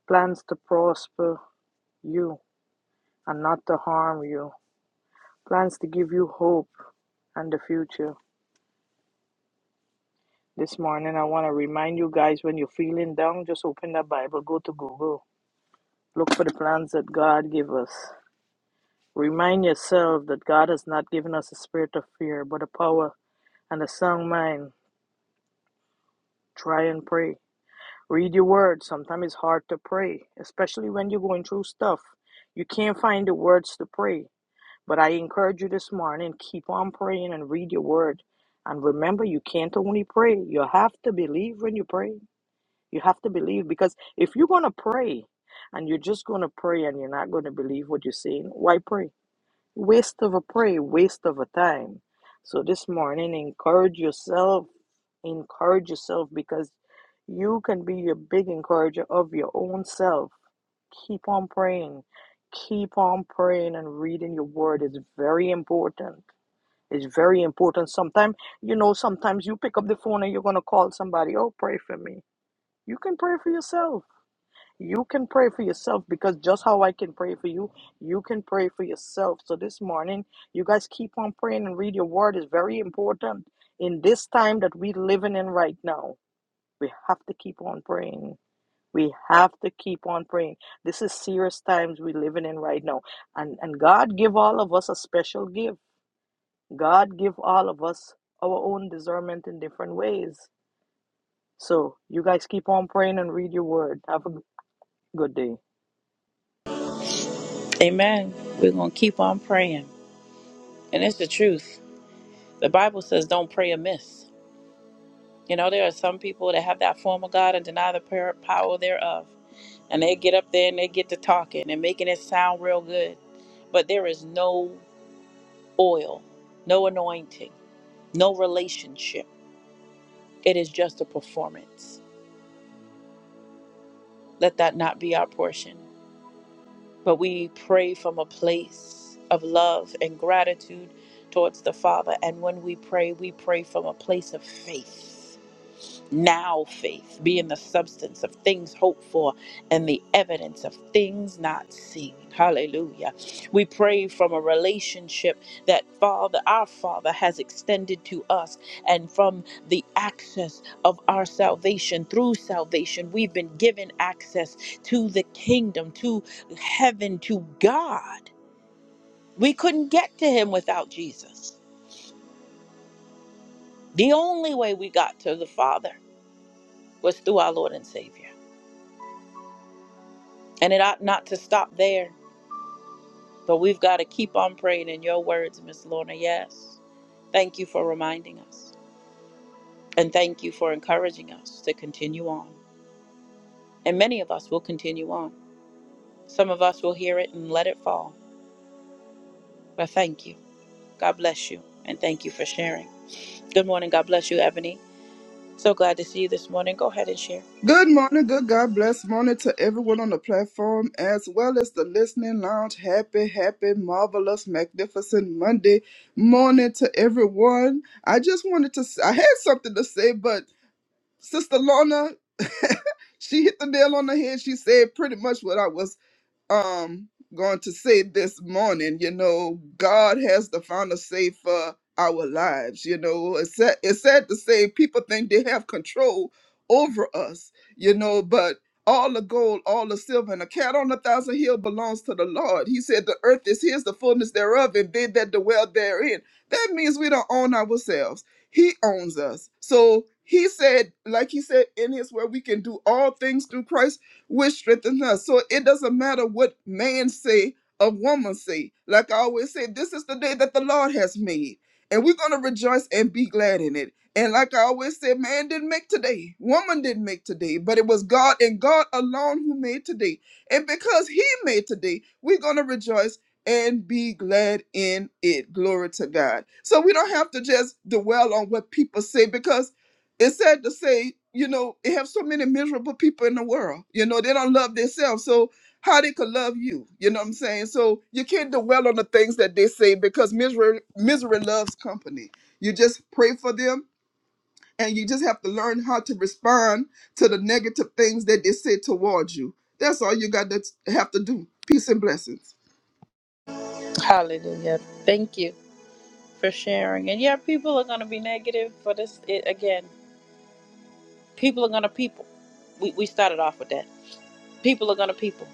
Plans to prosper you and not to harm you, plans to give you hope and the future. This morning, I want to remind you guys when you're feeling down, just open the Bible, go to Google Look for the plans that God gave us. Remind yourself that God has not given us a spirit of fear, but a power and a sound mind. Try and pray. Read your word. Sometimes it's hard to pray, especially when you're going through stuff. You can't find the words to pray. But I encourage you this morning, keep on praying and read your word. And remember, you can't only pray. You have to believe when you pray. You have to believe because if you're going to pray and you're just going to pray and you're not going to believe what you're saying, why pray? Waste of a prayer, waste of a time. So this morning, encourage yourself, encourage yourself because you can be a big encourager of your own self. Keep on praying, keep on praying and reading your word is very important. It's very important. Sometimes, you know, sometimes you pick up the phone and you're going to call somebody, oh, pray for me. You can pray for yourself you can pray for yourself because just how I can pray for you, you can pray for yourself. So this morning, you guys keep on praying and read your word is very important in this time that we're living in right now. We have to keep on praying. We have to keep on praying. This is serious times we're living in right now. And and God give all of us a special gift. God give all of us our own discernment in different ways. So you guys keep on praying and read your word. Have a good day.
Amen. We're going to keep on praying. And it's the truth. The Bible says don't pray amiss. You know, there are some people that have that form of God and deny the power power thereof. And they get up there and they get to talking and making it sound real good but there is no oil, no anointing, no relationship. It is just a performance. Let that not be our portion. But we pray from a place of love and gratitude towards the Father. And when we pray, we pray from a place of faith. now faith being the substance of things hoped for and the evidence of things not seen hallelujah we pray from a relationship that father our father has extended to us and from the access of our salvation through salvation we've been given access to the kingdom to heaven to god we couldn't get to him without jesus the only way we got to the father was through our lord and savior And it ought not to stop there, but we've got to keep on praying in your words, Miss Lorna. Yes. Thank you for reminding us. And thank you for encouraging us to continue on. And many of us will continue on. Some of us will hear it and let it fall. But thank you. God bless you. And thank you for sharing. Good morning. God bless you, Ebony. So glad to see you this morning. Go ahead and share.
Good morning, good God bless morning to everyone on the platform as well as the listening lounge. Happy, happy, marvelous, magnificent Monday morning to everyone. I just wanted to, I had something to say, but Sister Lorna, she hit the nail on the head. She said pretty much what I was um going to say this morning you know god has the final say for our lives you know it's sad, it's sad to say people think they have control over us you know but all the gold all the silver and a cat on a thousand hill belongs to the lord he said the earth is his the fullness thereof and they that dwell therein that means we don't own ourselves he owns us so he said like he said in his word we can do all things through christ which strengthens us. So it doesn't matter what man say or woman say. Like I always say, this is the day that the Lord has made. And we're gonna rejoice and be glad in it. And like I always say, man didn't make today, woman didn't make today, but it was God and God alone who made today. And because He made today, we're gonna rejoice and be glad in it. Glory to God. So we don't have to just dwell on what people say because it's sad to say, you know, they have so many miserable people in the world. You know, they don't love themselves. So how they could love you? You know what I'm saying? So you can't dwell on the things that they say because misery misery loves company. You just pray for them and you just have to learn how to respond to the negative things that they say towards you. That's all you got to have to do. Peace and blessings.
Hallelujah. Thank you for sharing. And yeah, people are going to be negative for this. It, again, people are going to people. We, we started off with that people are going to people.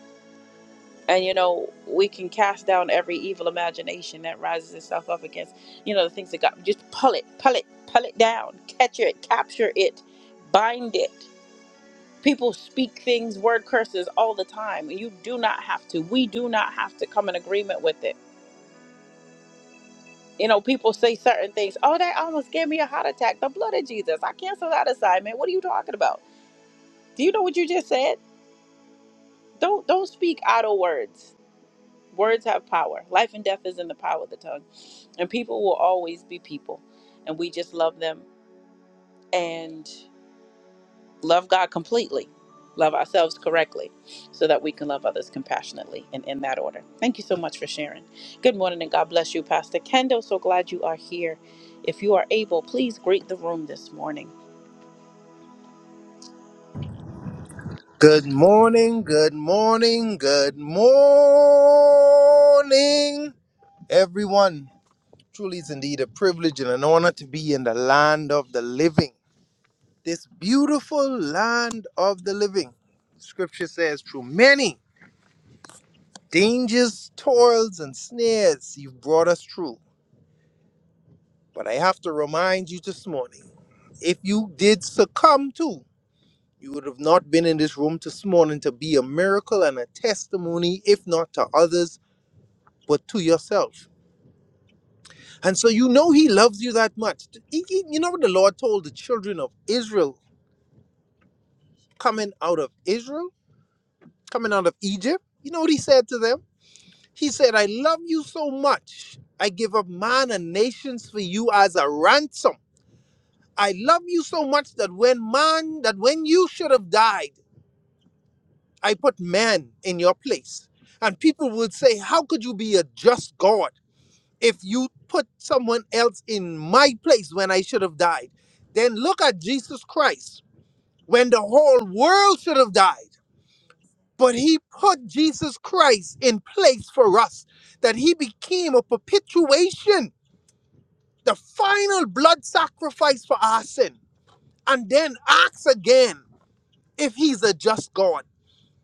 And, you know, we can cast down every evil imagination that rises itself up against, you know, the things that God, just pull it, pull it, pull it down, catch it, capture it, bind it. People speak things, word curses all the time. You do not have to. We do not have to come in agreement with it. You know, people say certain things. Oh, that almost gave me a heart attack. The blood of Jesus. I cancel that assignment. What are you talking about? Do you know what you just said? Don't don't speak idle words Words have power. Life and death is in the power of the tongue. And people will always be people. And we just love them and love God completely, love ourselves correctly, so that we can love others compassionately and in that order. Thank you so much for sharing. Good morning and God bless you, Pastor Kendall. So glad you are here. If you are able, please greet the room this morning.
Good morning, good morning, good morning, everyone. Truly it's indeed a privilege and an honor to be in the land of the living. This beautiful land of the living. Scripture says, through many dangers, toils, and snares, you've brought us through. But I have to remind you this morning if you did succumb to, you would have not been in this room this morning to be a miracle and a testimony, if not to others, but to yourself. And so you know He loves you that much. He- he- you know what the Lord told the children of Israel coming out of Israel, coming out of Egypt? You know what He said to them? He said, I love you so much. I give up man and nations for you as a ransom I love you so much that when man, that when you should have died, I put man in your place. And people would say, How could you be a just God if you put someone else in my place when I should have died? Then look at Jesus Christ when the whole world should have died. But he put Jesus Christ in place for us, that he became a perpetuation, the final blood sacrifice for our sin. And then acts again. if he's a just God.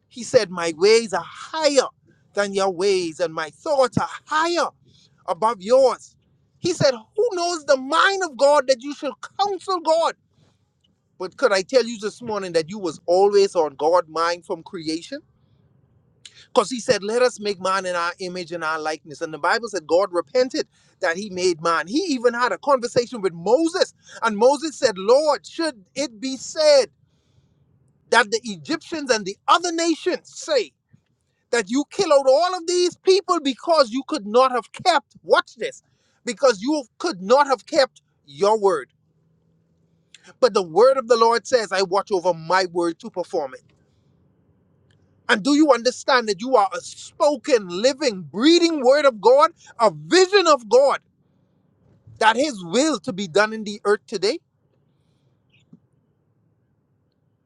He said, My ways are higher than your ways, and my thoughts are higher above yours. He said, Who knows the mind of God that you should counsel God? But could I tell you this morning that you was always on God's mind from creation? Because he said, Let us make man in our image and our likeness. And the Bible said God repented that he made man. He even had a conversation with Moses. And Moses said, Lord, should it be said that the Egyptians and the other nations say that you kill out all of these people because you could not have kept, watch this, because you could not have kept your word. But the word of the Lord says, I watch over my word to perform it. And do you understand that you are a spoken, living, breathing word of God, a vision of God, that his will to be done in the earth today?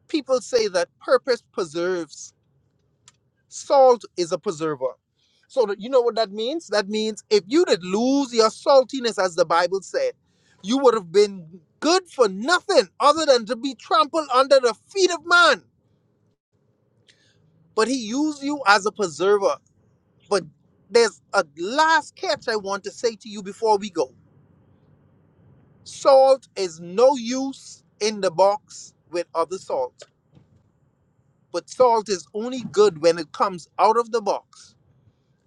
People say that purpose preserves. Salt is a preserver. So that you know what that means? That means if you did lose your saltiness, as the Bible said, you would have been good for nothing other than to be trampled under the feet of man. But he used you as a preserver. But there's a last catch I want to say to you before we go. Salt is no use in the box with other salt. But salt is only good when it comes out of the box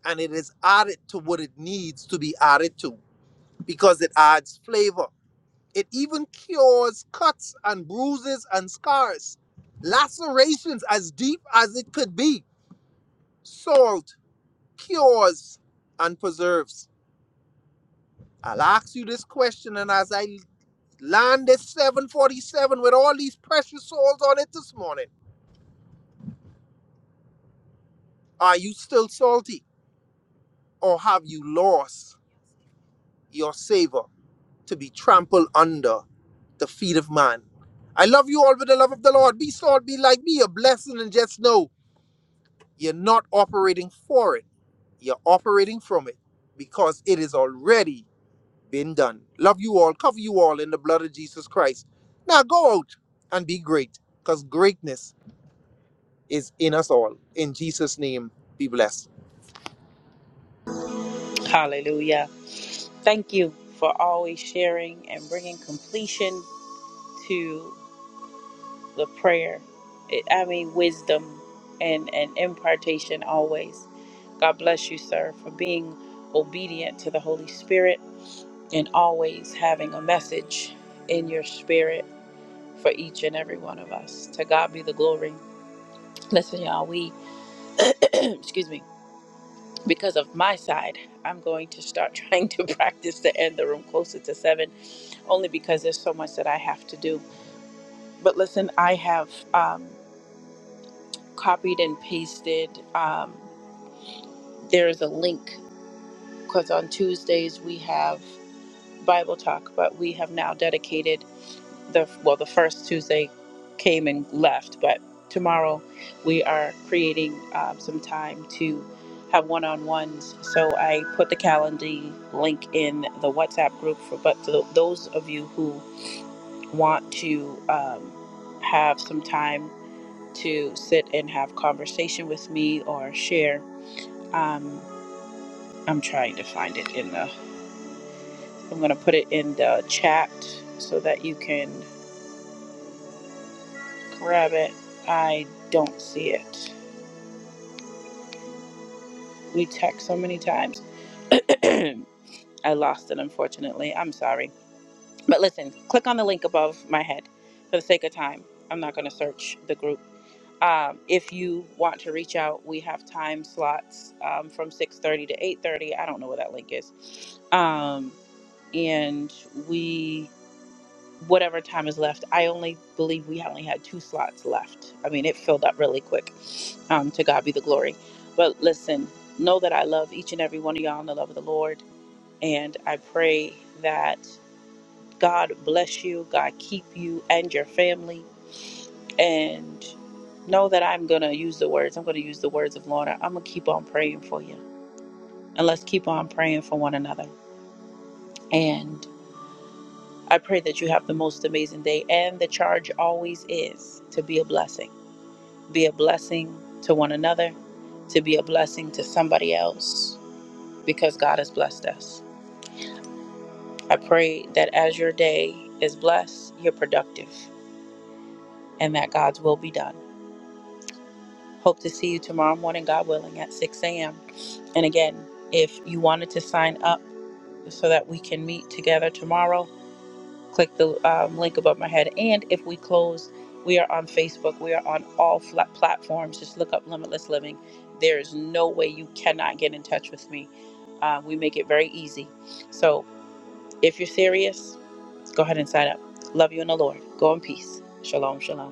and it is added to what it needs to be added to. because it adds flavor. It even cures cuts and bruises and scars, lacerations as deep as it could be. Salt cures and preserves. I'll ask you this question, and as I land this 747 with all these precious souls on it this morning, are you still salty or have you lost your savor? to be trampled under the feet of man. I love you all with the love of the Lord. Be salt, be like me, a blessing, and just know you're not operating for it. You're operating from it because it has already been done. Love you all. Cover you all in the blood of Jesus Christ. Now go out and be great because greatness is in us all. In Jesus' name, be blessed.
Hallelujah. Thank you for always sharing and bringing completion to. the prayer. It, I mean, wisdom and, and impartation always. God bless you, sir, for being obedient to the Holy Spirit and always having a message in your spirit for each and every one of us. To God be the glory. Listen, y'all, we, excuse me, because of my side, I'm going to start trying to practice to end the room closer to seven, only because there's so much that I have to do. But listen, I have. Um, copied and pasted. Um, there's a link because on Tuesdays we have Bible talk, but we have now dedicated the well, the first Tuesday came and left, but tomorrow we are creating um, some time to have one-on-ones. So I put the Calendly link in the WhatsApp group for, but to those of you who want to um, have some time to sit and have conversation with me or share Um, I'm trying to find it in the. I'm gonna put it in the chat so that you can grab it. I don't see it. We text so many times. I lost it, unfortunately. I'm sorry. But listen, click on the link above my head for the sake of time. I'm not going to search the group. Um, if you want to reach out, we have time slots um, from 6:30 to 8:30. I don't know where that link is. Um, and we whatever time is left. I only believe we only had two slots left. I mean, it filled up really quick. Um, to God be the glory. But listen, know that I love each and every one of y'all in the love of the Lord. And I pray that God bless you, God keep you and your family. And know that I'm going to use the words. I'm going to use the words of Lorna. I'm going to keep on praying for you. And let's keep on praying for one another. And I pray that you have the most amazing day. And the charge always is to be a blessing be a blessing to one another, to be a blessing to somebody else, because God has blessed us. I pray that as your day is blessed, you're productive and that God's will be done. Hope to see you tomorrow morning, God willing, at 6 a.m. And again, if you wanted to sign up so that we can meet together tomorrow, click the um, link above my head. And if we close, we are on Facebook. We are on all flat platforms. Just look up Limitless Living. There is no way you cannot get in touch with me. Uh, we make it very easy. So if you're serious, go ahead and sign up. Love you in the Lord. Go in peace. Shalom, shalom.